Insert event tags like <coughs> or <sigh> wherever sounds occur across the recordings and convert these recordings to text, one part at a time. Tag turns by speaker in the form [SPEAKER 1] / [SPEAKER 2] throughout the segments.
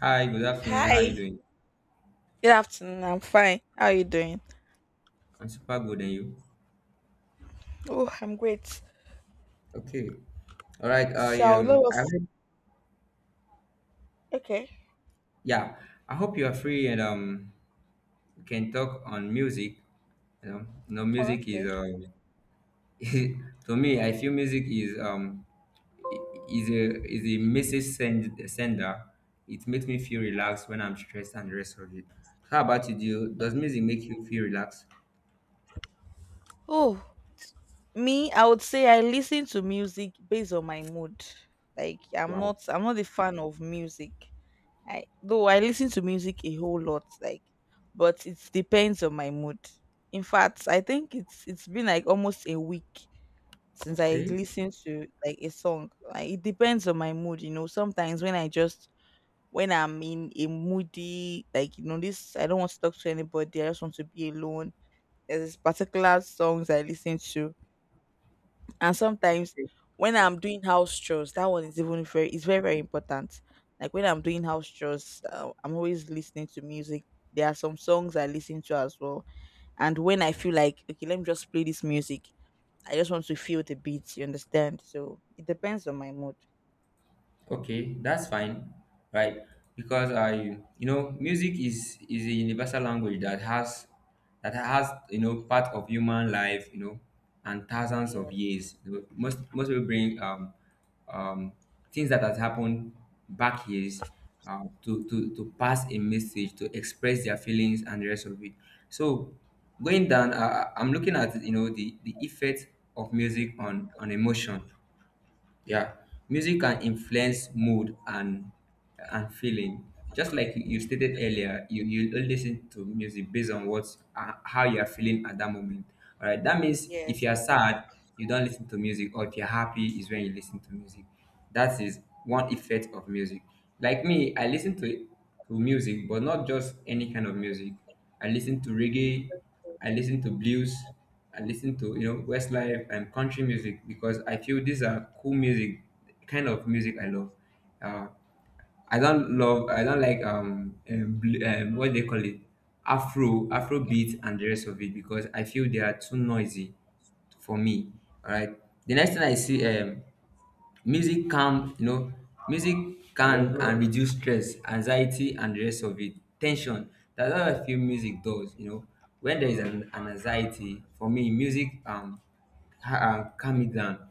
[SPEAKER 1] Hi, good afternoon. How are you
[SPEAKER 2] Hi.
[SPEAKER 1] doing?
[SPEAKER 2] Good afternoon. I'm fine. How are you doing?
[SPEAKER 1] I'm super good, and you?
[SPEAKER 2] Oh, I'm great.
[SPEAKER 1] Okay. All right. I
[SPEAKER 2] So let
[SPEAKER 1] um, I
[SPEAKER 2] us.
[SPEAKER 1] hope,
[SPEAKER 2] Okay.
[SPEAKER 1] yeah, I hope you are free and we can talk on music. You know,
[SPEAKER 2] Oh,
[SPEAKER 1] music is
[SPEAKER 2] okay.
[SPEAKER 1] um, <laughs> to me, I feel music is a message sender. It makes me feel relaxed when I'm stressed and the rest of it. How about you? Do you,
[SPEAKER 2] Uh,
[SPEAKER 1] does music make you feel relaxed?
[SPEAKER 2] Oh, me, I would say I listen to music based on my mood.
[SPEAKER 1] Wow.
[SPEAKER 2] I'm not a fan of music. I though I listen to music a whole lot. Like, but it depends on my mood. In fact, I think it's been like almost a week since I
[SPEAKER 1] Okay.
[SPEAKER 2] listened to like a song. Like it depends on my mood. You know, sometimes when I'm in a moody, like you know, this, I don't want to talk to anybody. I just want to be alone. There's this particular songs I listen to, and sometimes when I'm doing house chores, that one is even very it's very important. Like when I'm doing house chores, I'm always listening to music. There are some songs I listen to as well, and when I feel like okay, let me just play this music. I just want to feel the beat. You understand? So it depends on my mood.
[SPEAKER 1] Okay, that's fine, right? Because I, you know, music is a universal language that has you know part of human life, you know, and thousands of
[SPEAKER 2] Yes.
[SPEAKER 1] years. You know, most people bring um things that has happened back years to pass a message to express their feelings and the rest of it. So going down, I'm looking at you know the effect of music on emotion. Yeah, music can influence mood and feeling. Just like you stated earlier, you only listen to music based on what how you are feeling at that moment. All right, that means if
[SPEAKER 2] Yes.
[SPEAKER 1] you are sad, you don't listen to music, or if you're happy, is when you listen to music. That is one effect of music. Like me, I listen to music, but not just any kind of music. I listen to reggae, I listen to blues, I listen to you know Westlife and country music because I feel these are cool music, kind of music I love. Uh, I don't love I don't like what they call it Afro beat and the rest of it because I feel they are too noisy for me. All right. The next thing I see music calm you know music can and reduce stress, anxiety and the rest of it, tension. That's how I feel music does, you know, when there is an anxiety, for me music calm me down.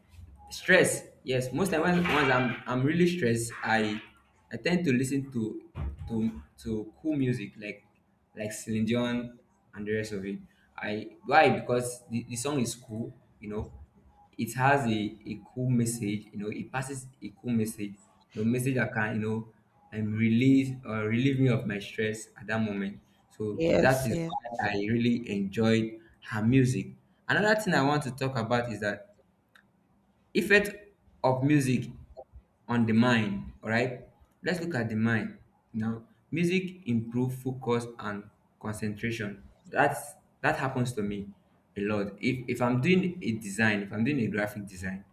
[SPEAKER 1] Stress, yes. Most time when once I'm really stressed, I tend to listen to cool music, like Celine Dion and the rest of it. I why? Because the song is cool, you know, it has a cool message, you know it passes a cool message, the message that can you know relieve or relieve me of my stress at that moment. So that
[SPEAKER 2] Yes.
[SPEAKER 1] is
[SPEAKER 2] Yes.
[SPEAKER 1] why I really enjoyed her music. Another thing I want to talk about is that effect of music on the mind. Alright, let's look at the mind now. Music improve focus and concentration. That's that happens to me a lot. If I'm doing a design, if I'm doing a graphic design,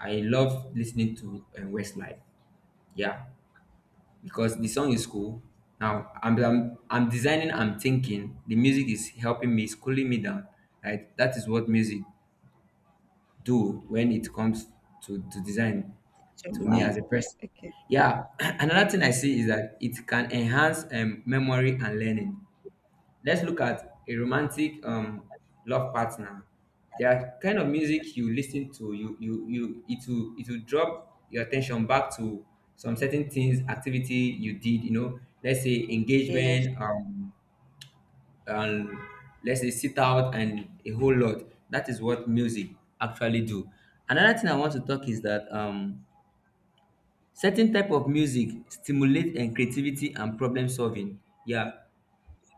[SPEAKER 1] I love listening to Westlife. Yeah, because the song is cool. Now I'm designing. I'm thinking. The music is helping me, it's cooling me down. Right. That is what music do when it comes to design,
[SPEAKER 2] To
[SPEAKER 1] to me
[SPEAKER 2] my
[SPEAKER 1] as a person.
[SPEAKER 2] okay.
[SPEAKER 1] Yeah, <clears throat> another thing I see is that it can enhance memory and learning. Let's look at a romantic love partner. There are kind of music you listen to, you it will drop your attention back to some certain things, activity you did, you know, let's say
[SPEAKER 2] Yes.
[SPEAKER 1] engagement, um, and let's say sit out and a whole lot. That is what music actually do. Another thing I want to talk is that certain type of music stimulate and creativity and problem solving. Yeah,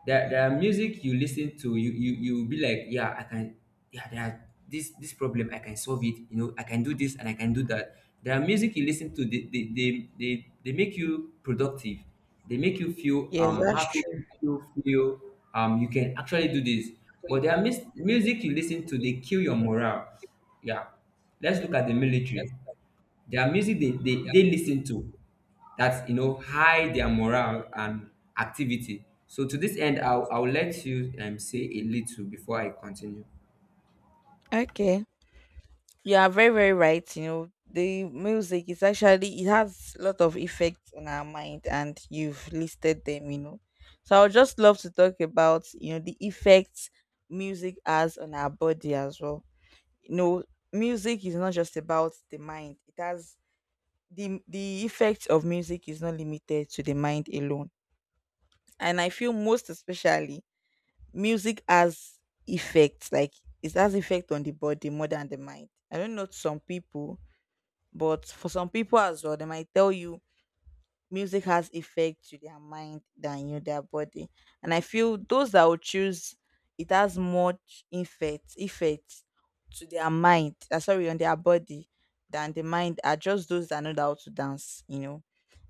[SPEAKER 1] there are music you listen to, you will be like yeah I can, yeah there are this problem I can solve it, you know I can do this and I can do that. There are music you listen to, they, they make you productive, they make you feel
[SPEAKER 2] Yes, that's
[SPEAKER 1] happy, they
[SPEAKER 2] true.
[SPEAKER 1] make you feel you can actually do this. But there are music you listen to, they kill your morale. Yeah, let's look at the military, their music they listen to that you know high their morale and activity. So to this end, I'll let you say a little before I continue.
[SPEAKER 2] Okay. You are very, very right. You know, the music is actually, it has a lot of effects on our mind and you've listed them, you know. So I would just love to talk about, you know, the effects music has on our body as well. You know, music is not just about the mind. It has the effect of music is not limited to the mind alone. And I feel most especially music has effects like it has effect on the body more than the mind. I don't know some people, but for some people as well, they might tell you music has effect to their mind than you their body. And I feel those that will choose it has much effect to their mind, sorry, on their body than the mind are just those that know how to dance, you know.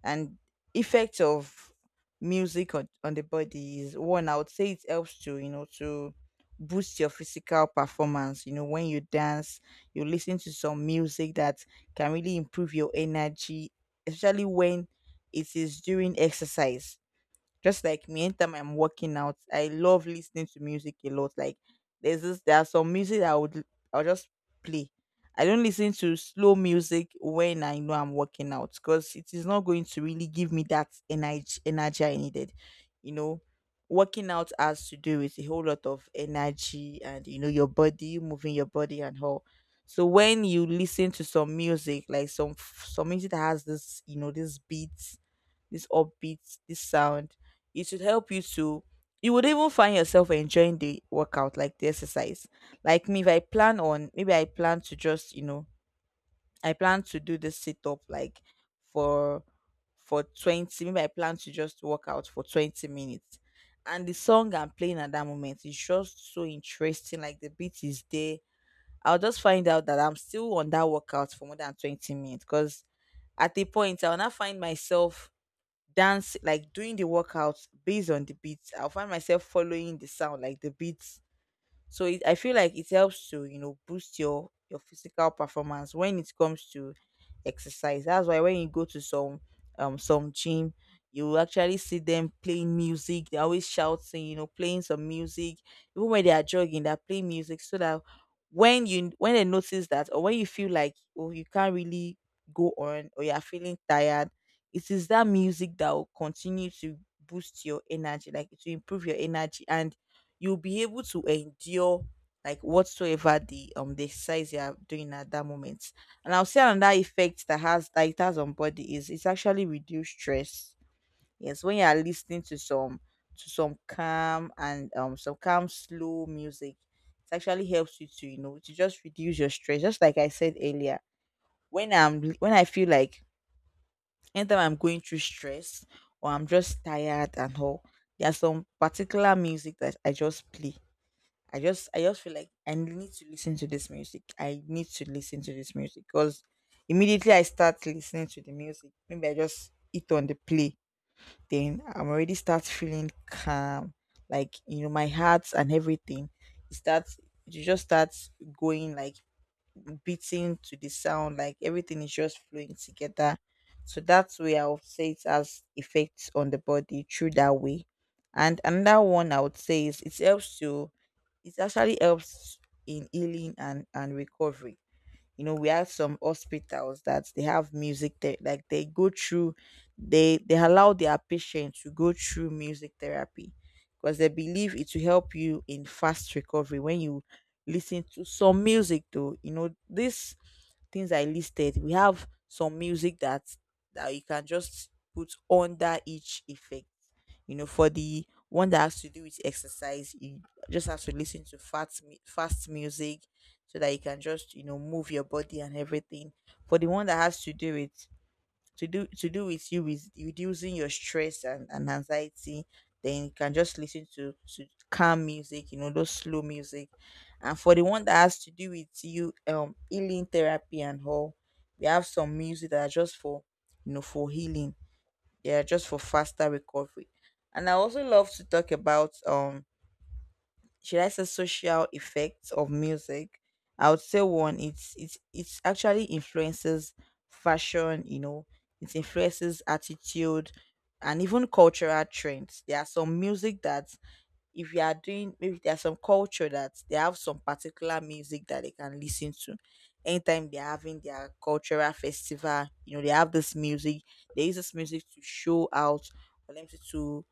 [SPEAKER 2] And effect of music on the body is one, I would say it helps to, you know, to boost your physical performance. You know, when you dance, you listen to some music that can really improve your energy, especially when it is during exercise. Just like me, anytime I'm working out, I love listening to music a lot. Like there's this, there are some music that I would I'll just play. I don't listen to slow music when I know I'm working out because it is not going to really give me that energy I needed. You know, working out has to do with a whole lot of energy, and you know your body, you moving your body and all. So when you listen to some music, like some music that has this, you know, this beat, this upbeat, this sound. It should help you to. You would even find yourself enjoying the workout, like the exercise. Like me, if I plan on, maybe I plan to just, you know, I plan to do this sit up like for for 20. Maybe I plan to just work out for 20 minutes, and the song I'm playing at that moment is just so interesting. Like the beat is there. I'll just find out that I'm still on that workout for more than 20 minutes, because at a point I'll not find myself dance like doing the workouts based on the beats. I'll find myself following the sound, like the beats. So it, I feel like it helps to, you know, boost your physical performance when it comes to exercise. That's why when you go to some gym, you will actually see them playing music. They're always shouting, you know, playing some music. Even when they are jogging, they're playing music, so that when you, when they notice that or when you feel like oh you can't really go on or you're feeling tired, it is that music that will continue to boost your energy, like it will improve your energy, and you'll be able to endure like whatsoever the exercise you are doing at that moment. And I'll say another effect that has, that it has on body is it's actually reduced stress. Yes, when you are listening to some calm and some calm slow music, it actually helps you to, you know, to just reduce your stress. Just like I said earlier, when I'm, when I feel like anytime I'm going through stress or I'm just tired and all, there's some particular music that I just play. I just, I just feel like I need to listen to this music. I need to listen to this music because immediately I start listening to the music, maybe I just hit on the play, then I'm already start feeling calm, like you know my heart and everything. It starts, it just starts going like beating to the sound, like everything is just flowing together. So that's where I would say it has effects on the body through that way. And another one I would say is it helps to, it actually helps in healing and recovery. You know, we have some hospitals that they have music there, like they go through, they allow their patients to go through music therapy, because they believe it will help you in fast recovery when you listen to some music. Though, you know, these things I listed, we have some music that you can just put under each effect. You know, for the one that has to do with exercise, you just have to listen to fast fast music, so that you can just, you know, move your body and everything. For the one that has to do with you with reducing your stress and anxiety, then you can just listen to calm music, you know, those slow music. And for the one that has to do with you healing therapy and all, we have some music that are just for, you know, for healing. Yeah, just for faster recovery. And I also love to talk about should I say social effects of music. I would say one, it's it's actually influences fashion, you know. It influences attitude and even cultural trends. There are some music that, if you are doing, maybe there's some culture that they have some particular music that they can listen to anytime they're having their cultural festival. You know, they have this music, they use this music to show out, for them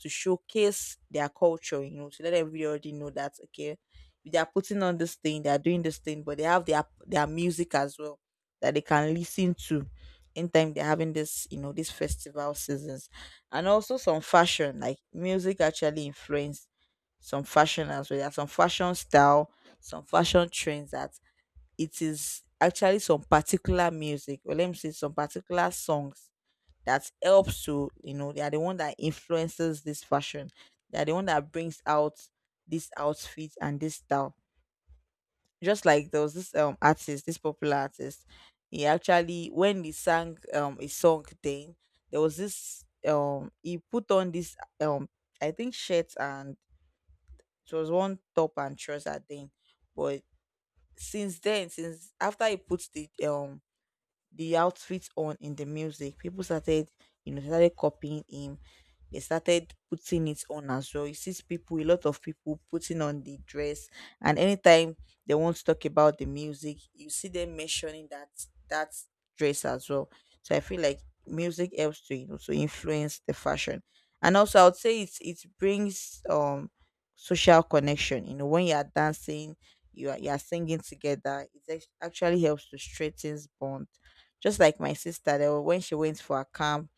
[SPEAKER 2] to showcase their culture. You know, to let everybody know that okay, they are putting on this thing, they are doing this thing, but they have their music as well that they can listen to anytime they're having this, you know, these festival seasons. And also some fashion, like music actually influenced some fashion as well. There are some fashion style, some fashion trends that it is actually some particular music, or let me say some particular songs, that helps to, you know, they are the one that influences this fashion, they are the one that brings out this outfit and this style. Just like there was this artist, this popular artist. He actually, when he sang a song thing, there was this he put on this um I think shirt, and it was one top and trouser thing. But since then, since after he put the outfit on in the music. People started, you know, started copying him. They started putting it on as well. You see people, a lot of people putting on the dress, and anytime they want to talk about the music, you see them mentioning that that dress as well. So I feel like music helps to, you know, to influence the fashion. And also I would say it it brings social connection. You know, when you are dancing, you are, you are singing together. It actually helps to strengthen bond. Just like my sister, there when she went for a camp,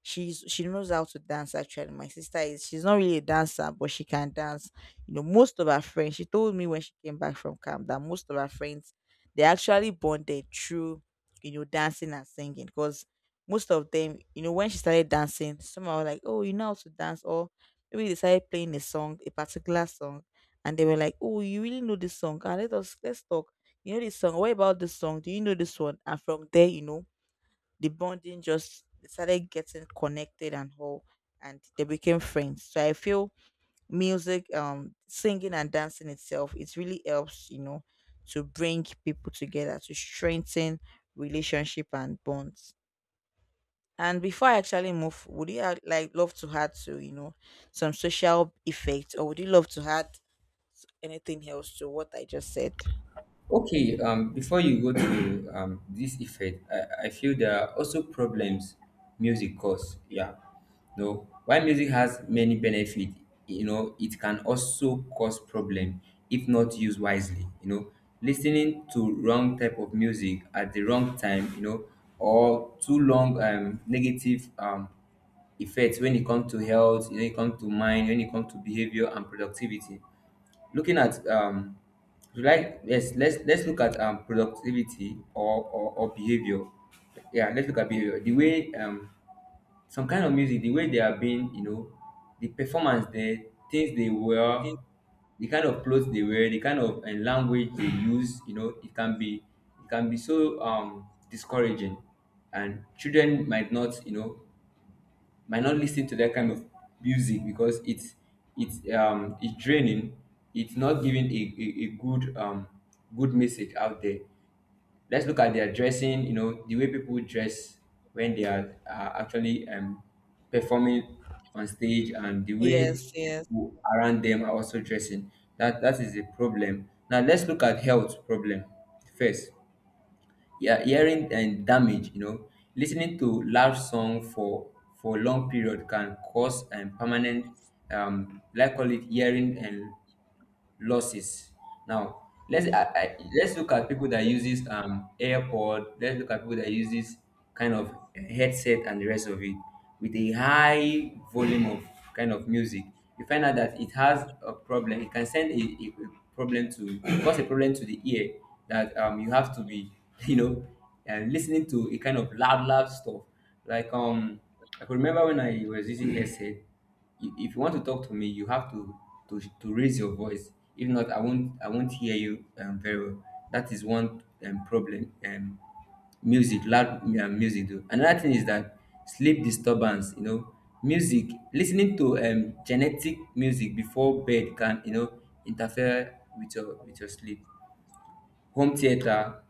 [SPEAKER 2] she knows how to dance actually. My sister is, she's not really a dancer, but she can dance. You know, most of her friends, she told me when she came back from camp that most of her friends they actually bonded through, you know, dancing and singing. Because most of them, you know, when she started dancing, some were like, oh, you know how to dance, or maybe they started playing a song, a particular song, and they were like, oh, you really know this song. Ah, let's talk. You know this song, what about this song, do you know this one? And from there, the bonding just they started getting connected and whole and they became friends. So I feel music, singing and dancing itself, it really helps, you know, to bring people together, to strengthen relationship and bonds. And before I actually move, would like love to add to, some social effects, or would you love to add anything else to what I just said?
[SPEAKER 1] Okay, before you go to this effect, I feel there are also problems music cause. Yeah, no. While music has many benefit, you know, it can also cause problem if not used wisely. You know, listening to wrong type of music at the wrong time, you know, or too long negative effects when it comes to health, you know, when it comes to mind, when it comes to behavior and productivity. Looking at like yes, let's look at productivity or behavior. Yeah, let's look at behavior. The way some kind of music, the way they are being, you know, the performance there, things they wear, the kind of clothes they wear, the kind of and language they use, you know, it can be so discouraging, and children might not, you know, might not listen to that kind of music because it's draining, it's not giving a good good message out there. Let's look at their dressing, you know the way people dress when they are actually performing on stage, and the
[SPEAKER 2] yes
[SPEAKER 1] way
[SPEAKER 2] yes
[SPEAKER 1] people around them are also dressing. That that is a problem. Now let's look at health problem first. Yeah, hearing and damage, you know, listening to loud song for long period can cause and permanent like call it hearing and losses. Now let's let's look at people that uses airpod, let's look at people that uses kind of headset and the rest of it with a high volume of kind of music. You find out that it has a problem, it can send a problem, to cause a problem to the ear, that you have to be <laughs> you know listening to a kind of loud stuff like um. I could remember when I was using headset, you, if you want to talk to me you have to to raise your voice, if not I won't hear you very well. That is one problem music loud um music do. Another thing is that sleep disturbance, you know music, listening to genetic music before bed can you know interfere with your sleep, home theater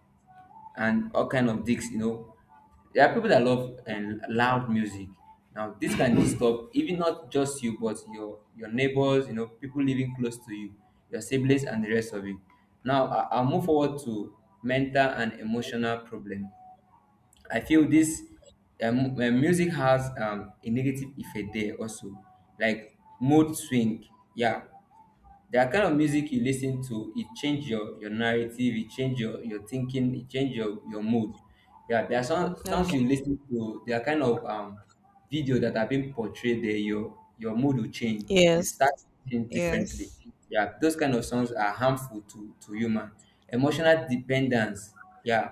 [SPEAKER 1] and all kind of gigs, you know there are people that love and loud music. Now this can disturb even not just you but your neighbors, you know people living close to you, your siblings and the rest of you. Now I'll move forward to mental and emotional problem. I feel this music has a negative effect there also, like mood swing. Yeah, the kind of music you listen to, it change your narrative, it change your thinking, it change your mood. Yeah, there are some songs
[SPEAKER 2] Okay.
[SPEAKER 1] you listen to, there are kind of video that are being portrayed there, your mood will change. You
[SPEAKER 2] yes
[SPEAKER 1] start thinking differently.
[SPEAKER 2] yes.
[SPEAKER 1] Yeah, those kind of songs are harmful to human. Emotional dependence. Yeah.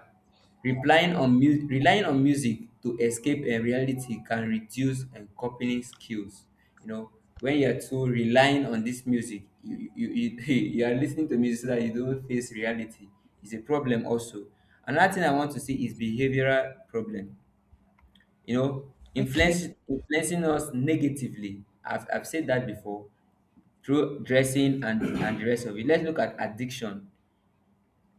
[SPEAKER 1] Relying on relying on music to escape reality can reduce coping skills. You know, when you're too relying on this music, <laughs> you are listening to music so that you don't face reality. It's a problem also. Another thing I want to see is behavioral problem. You know,
[SPEAKER 2] Okay.
[SPEAKER 1] influencing us negatively. I've said that before through dressing and the rest of it. Let's look at addiction.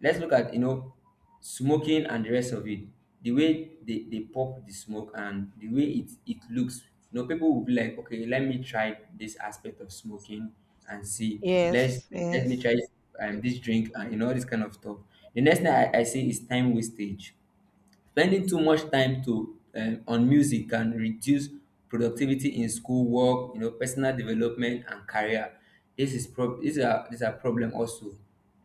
[SPEAKER 1] Let's look at you know smoking and the rest of it. The way they pop the smoke and the way it looks. You know, people will be like, okay, let me try this aspect of smoking and see. Let's
[SPEAKER 2] yes
[SPEAKER 1] Let me
[SPEAKER 2] yes
[SPEAKER 1] try this drink and you know this kind of stuff. The next thing I see is time wastage, spending too much time to on music can reduce productivity in school work, you know personal development and career. This is prob these are problem also.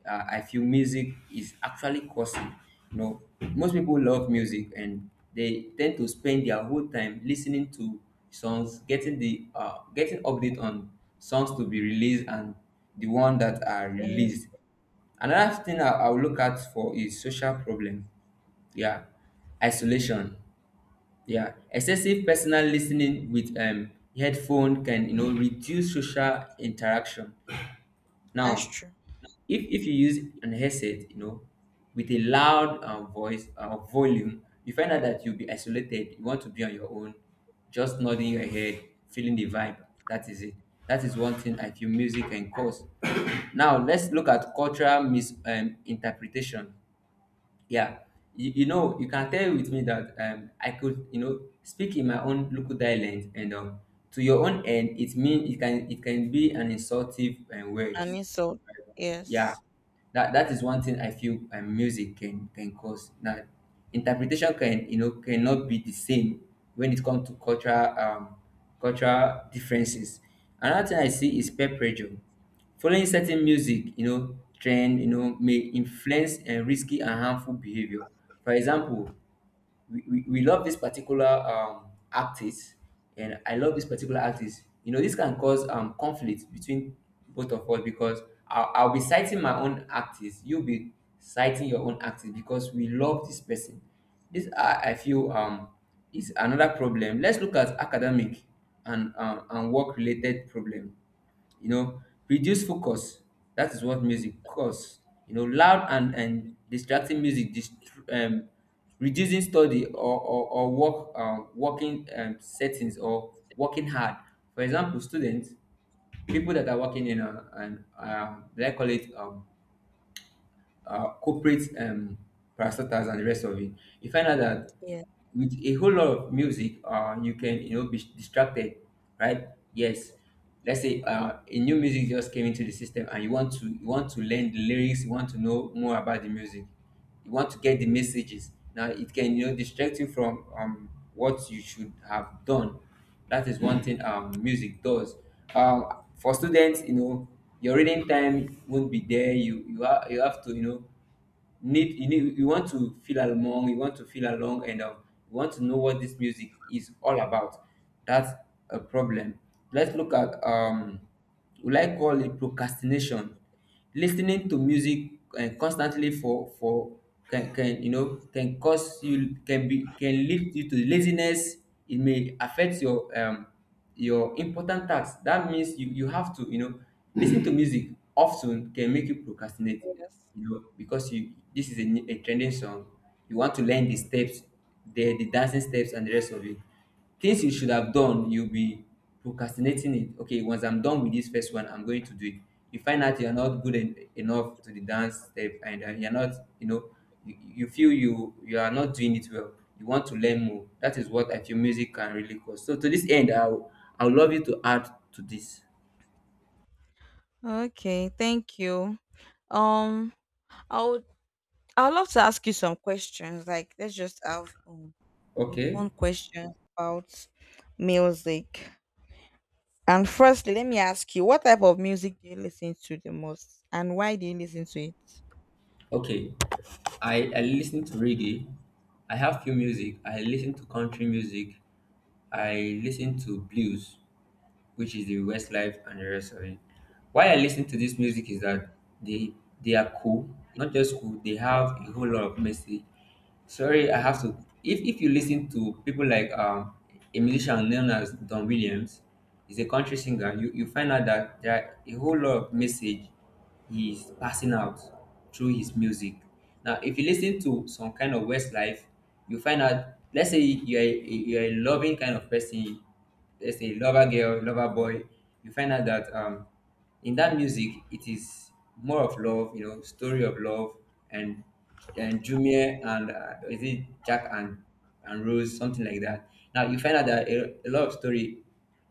[SPEAKER 1] Uh, I feel music is actually causing you know most people love music and they tend to spend their whole time listening to songs, getting the getting update on songs to be released and the one that are
[SPEAKER 2] Yes,
[SPEAKER 1] released. Another thing I'll look at for is social problem. Yeah. Isolation. Yeah. Excessive personal listening with headphone can you know reduce social interaction.
[SPEAKER 2] that's
[SPEAKER 1] Now,
[SPEAKER 2] true.
[SPEAKER 1] if you use an headset, you know, with a loud voice volume, you find out that you'll be isolated. You want to be on your own, just nodding your head, feeling the vibe. That is it. That is one thing I feel music can cause. <coughs> Now let's look at cultural misinterpretation. Interpretation. Yeah, you know, you can tell with me that I could, you know, speak in my own local dialect, and to your own end, it mean it can be an insultive word.
[SPEAKER 2] An insult.
[SPEAKER 1] Yeah,
[SPEAKER 2] Yes.
[SPEAKER 1] that is one thing I feel music can cause. Now interpretation can, you know, cannot be the same when it comes to cultural cultural differences. Another thing I see is peer pressure. Following certain music, you know, trend, you know, may influence and risky and harmful behavior. For example, we love this particular artist, and I love this particular artist. You know, this can cause conflict between both of us because I'll be citing my own artist, you'll be citing your own artist because we love this person. This I feel is another problem. Let's look at academic and work related problem, you know, reduce focus. That is what music cause, you know, loud and distracting music um, reducing study or work working settings or working hard. For example, students, people that are working in an they call it corporate parastatals and the rest of it, you find out that
[SPEAKER 2] Yes.
[SPEAKER 1] with a whole lot of music, you can, you know, be distracted, right? Yes. Let's say a new music just came into the system, and you want to learn the lyrics, you want to know more about the music, you want to get the messages. Now it can, you know, distract you from what you should have done. That is one thing music does. um for students, you know, your reading time won't be there. You have to, you know, need you want to feel along, you want to feel along, and you want to know what this music is all about. That's a problem. Let's look at we like call it procrastination. Listening to music and constantly for can, you know, can cause you can be can lead you to laziness. It may affect your important tasks. That means you, you have to, you know, listen to music often can make you procrastinate.
[SPEAKER 2] Yes.
[SPEAKER 1] You know, because you this is a trending song, you want to learn the steps, the dancing steps and the rest of it. Things you should have done, you'll be procrastinating it. Okay, once I'm done with this first one, I'm going to do it. You find out you're not enough to the dance step, and you're not, you know, you feel you are not doing it well, you want to learn more. That is what I feel music can really cause. So to this end, I'll love you to add to this.
[SPEAKER 2] Okay, thank you. Um, I would I would love to ask you some questions. Like, let's just have some
[SPEAKER 1] Okay,
[SPEAKER 2] fun questions about music. And firstly, let me ask you, what type of music do you listen to the most, and why do you listen to it?
[SPEAKER 1] okay. I listen to reggae. I have few music. I listen to country music. I listen to blues, which is the Westlife and the rest of it. Why I listen to this music is that they they are cool, not just cool. They have a whole lot of message. Sorry, I have to. If you listen to people like a musician known as Don Williams, he's a country singer. You find out that there are a whole lot of message he is passing out through his music. Now, if you listen to some kind of Westlife, you find out. Let's say you are you are a loving kind of person, let's say lover girl, lover boy, you find out that in that music it is more of love, you know, story of love, and and Jumia and is it Jack and Rose, something like that. Now you find out that a lot of story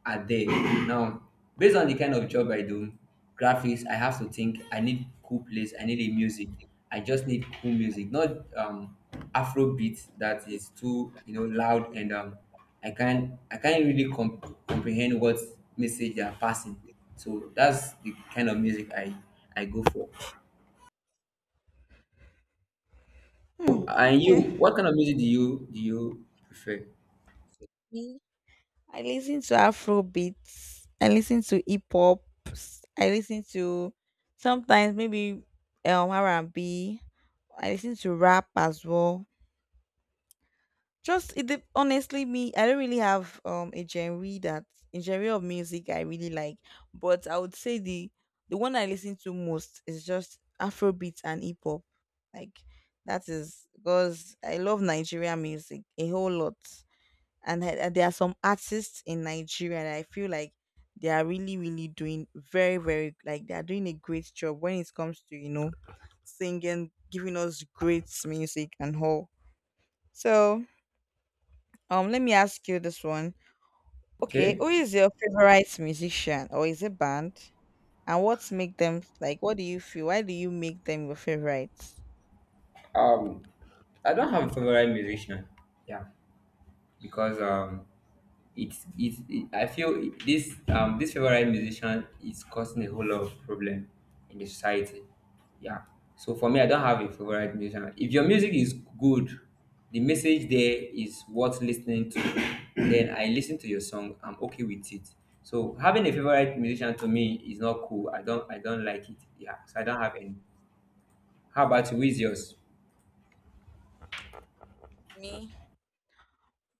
[SPEAKER 1] are there. Now, based on the kind of job I do, graphics, I have to think. I need cool place, I need a music. I just need cool music, not Afro beat that is too, you know, loud and I can't really comprehend what message they are passing. So that's the kind of music I go for.
[SPEAKER 2] Hmm.
[SPEAKER 1] And you,
[SPEAKER 2] Okay.
[SPEAKER 1] what kind of music do you prefer?
[SPEAKER 2] I listen to Afro beats. I listen to hip hop. I listen to sometimes maybe R and B. I listen to rap as well. Just honestly me, I don't really have a genre that a genre of music I really like, but I would say the one I listen to most is just Afro beats and hip hop. Like that is because I love Nigerian music a whole lot, and there are some artists in Nigeria that I feel like they are really doing very like they are doing a great job when it comes to, you know, singing, giving us great music and all. So let me ask you this one. Okay,
[SPEAKER 1] Okay.
[SPEAKER 2] who is your favorite musician or is it band? And what make them like? What do you feel? Why do you make them your favorite?
[SPEAKER 1] Um I don't have a favorite musician. Yeah. Because it, I feel this this favorite musician is causing a whole lot of problem in the society. Yeah. So for me, I don't have a favorite musician. If your music is good, the message there is worth listening to. <coughs> Then I listen to your song. I'm okay with it. So having a favorite musician to me is not cool. I don't like it. Yeah. So I don't have any. How about you? Who is yours?
[SPEAKER 2] Me,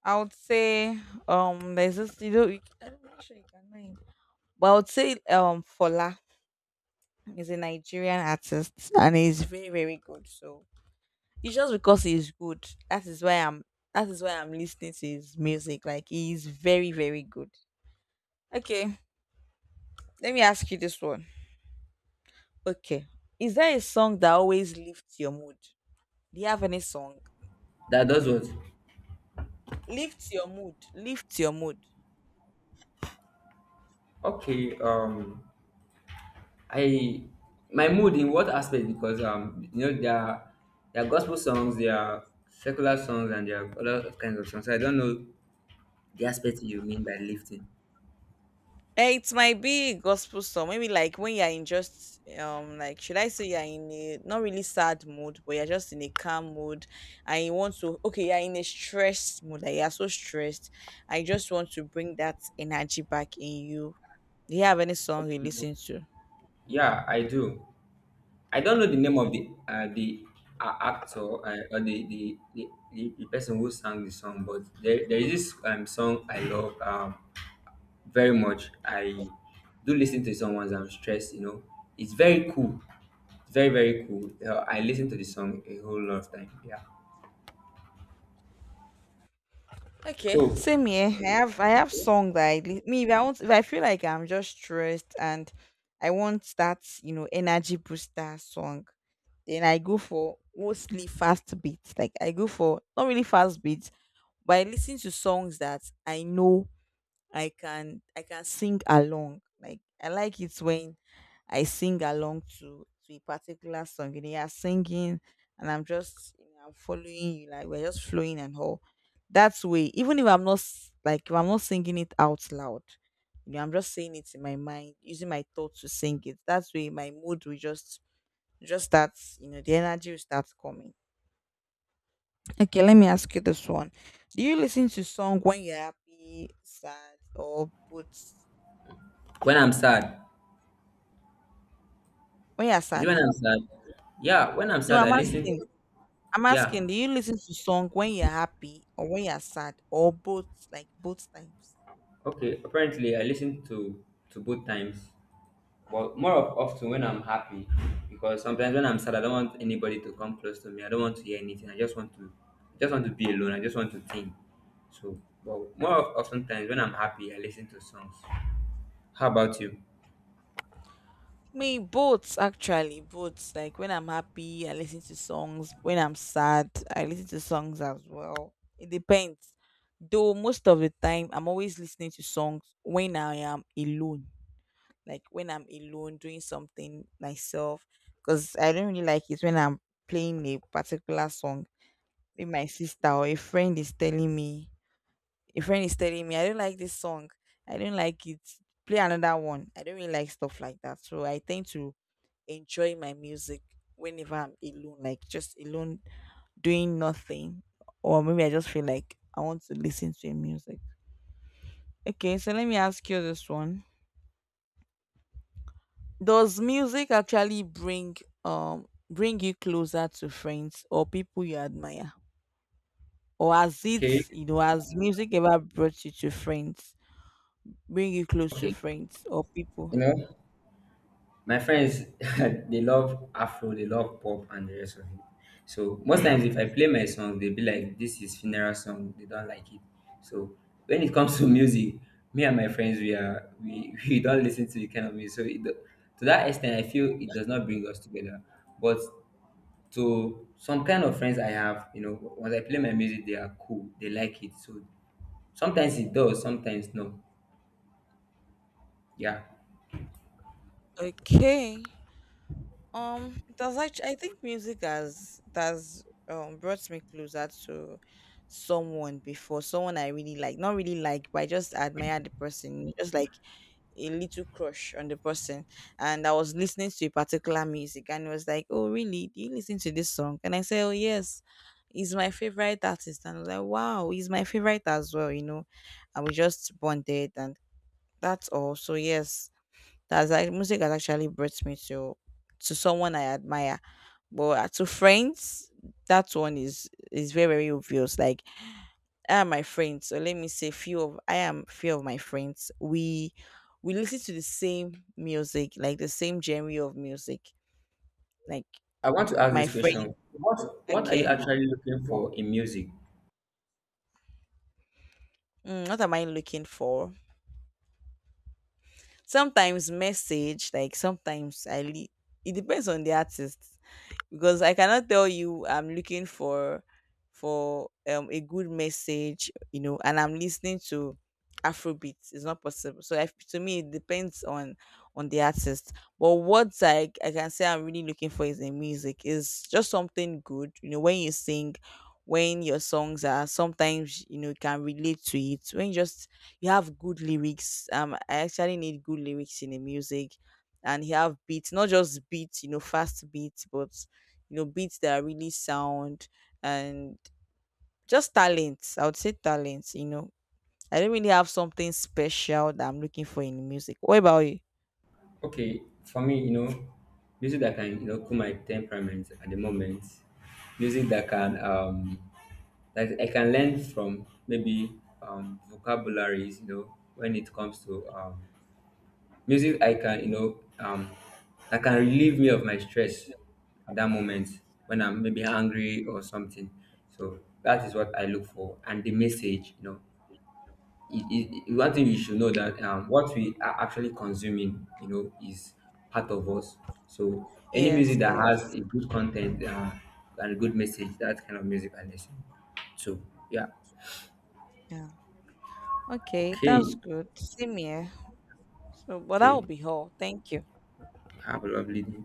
[SPEAKER 2] I would say there's this, you know, I don't know, I'm sure you can name, but I would say Fola. He's a Nigerian artist and he's very, very good. So it's just because he's good. That is why I'm that is why I'm listening to his music. Like he's very, very good. Okay, let me ask you this one. Okay. Is there a song that always lifts your mood? Do you have any song?
[SPEAKER 1] That does what?
[SPEAKER 2] Lift your mood. Lift your mood.
[SPEAKER 1] Okay. I my mood in what aspect? Because you know, there are gospel songs, there are secular songs, and there are other kinds of songs. So I don't know the aspect you mean by lifting.
[SPEAKER 2] Eh, it might be a gospel song. Maybe like when you're in just like should I say you're in a not really sad mood, but you're just in a calm mood and you want to okay, you're in a stressed mood, like you're so stressed. I just want to bring that energy back in you. Do you have any song you listen to?
[SPEAKER 1] Yeah, I do. I don't know the name of
[SPEAKER 2] Like,
[SPEAKER 1] the actor or the person who sang the song, but there is this song I love very much. I do listen to song once I'm stressed. You know, it's very cool. It's very very cool. I listen to the song a whole lot of time. Yeah.
[SPEAKER 2] okay,
[SPEAKER 1] So
[SPEAKER 2] same here. I have song that me, if I want, if I feel like I'm just stressed and I want that, you know, energy booster song, then I go for mostly fast beats. Like I go for not really fast beats, but I listen to songs that I know I can sing along. Like I like it when I sing along to a particular song. And they are singing, and I'm just, you know, I'm following you. Like we're just flowing and all. That's way. Even if I'm not s- like if I'm not singing it out loud, you know, I'm just saying it in my mind, using my thoughts to sing it. That's way my mood will just that, you know, the energy will start coming. Okay, let me ask you this one. Do you listen to song when you're happy, sad, or both?
[SPEAKER 1] when I'm sad,
[SPEAKER 2] When you're
[SPEAKER 1] is it
[SPEAKER 2] sad?
[SPEAKER 1] when I'm sad? Yeah, when I'm
[SPEAKER 2] No,
[SPEAKER 1] sad, I
[SPEAKER 2] I'm
[SPEAKER 1] listen.
[SPEAKER 2] asking.
[SPEAKER 1] To, yeah,
[SPEAKER 2] Do you listen to song when you're happy or when you're sad or both? Like both times?
[SPEAKER 1] okay. Apparently, I listen to both times, but more of often when I'm happy, because sometimes when I'm sad, I don't want anybody to come close to me. I don't want to hear anything. I just want to be alone. I just want to think. So, but more of often times when I'm happy, I listen to songs. How about you?
[SPEAKER 2] Me, both actually, both. Like when I'm happy, I listen to songs. When I'm sad, I listen to songs as well. It depends. Though most of the time, I'm always listening to songs when I am alone. Like when I'm alone doing something myself, because I don't really like it when I'm playing a particular song. Maybe my sister or a friend is telling me, I don't like this song. I don't like it. Play another one. I don't really like stuff like that. So I tend to enjoy my music whenever I'm alone, like just alone doing nothing. Or maybe I just feel like I want to listen to music. Okay, so let me ask you this one. Does music actually bring you closer to friends or people you admire? Or has it,
[SPEAKER 1] Okay,
[SPEAKER 2] you know, has music ever brought you to friends? Bring you close to
[SPEAKER 1] okay.
[SPEAKER 2] friends or people?
[SPEAKER 1] You know. My friends, <laughs> they love Afro, they love pop, and the rest of it. So most times, if I play my song, they be like, "This is funeral song." They don't like it. So when it comes to <laughs> music, me and my friends, we are <laughs> we don't listen to the kind of music. So to that extent, I feel it does not bring us together. But to some kind of friends I have, you know, once I play my music, they are cool. They like it. So sometimes it does, sometimes no. Yeah.
[SPEAKER 2] Okay. Does actually I think music has does brought me closer to someone before, someone I really like. Not really like, but I just admire the person. Just like a little crush on the person, and I was listening to a particular music and he was like, Oh really? Do you listen to this song? And I said, Oh yes, he's my favorite artist, and I was like, Wow, he's my favorite as well, you know. And we just bonded, and that's all. So yes, that's like music has actually brought me to someone I admire. But to friends, that one is very, very obvious. Like I and my friends, so let me say few of I am few of my friends, we listen to the same music, like the same genre of music. Like
[SPEAKER 1] I want to ask
[SPEAKER 2] my
[SPEAKER 1] this
[SPEAKER 2] friend,
[SPEAKER 1] question. What are you
[SPEAKER 2] okay.
[SPEAKER 1] actually looking for in music?
[SPEAKER 2] Mm, what am I looking for? Sometimes message, like sometimes it depends on the artist, because I cannot tell you I'm looking for a good message, you know, and I'm listening to Afrobeats. It's not possible. So I, to me, it depends on the artist. But what I can say I'm really looking for is in music is just something good. You know, when you sing, when your songs are sometimes, you know, you can relate to it. When you just you have good lyrics. I actually need good lyrics in the music, and you have beats, not just beats, you know, fast beats, but you know beats that are really sound, and just talents, I would say talents, you know, I don't really have something special that I'm looking for in music. What about you?
[SPEAKER 1] Okay, for me, you know, music that can, you know, cool my temperament at the moment. Music that can that I can learn from maybe vocabularies, you know, when it comes to music I can, you know, that can relieve me of my stress at that moment when I'm maybe angry or something. So that is what I look for and the message, you know one thing you should know that what we are actually consuming, you know, is part of us. So any music
[SPEAKER 2] yes
[SPEAKER 1] that
[SPEAKER 2] yes
[SPEAKER 1] has a good content and a good message, that kind of music I listen to. Yeah.
[SPEAKER 2] Yeah, okay,
[SPEAKER 1] Okay.
[SPEAKER 2] that's good, same here. So but that will
[SPEAKER 1] Okay.
[SPEAKER 2] be all, thank you.
[SPEAKER 1] Have a lovely day.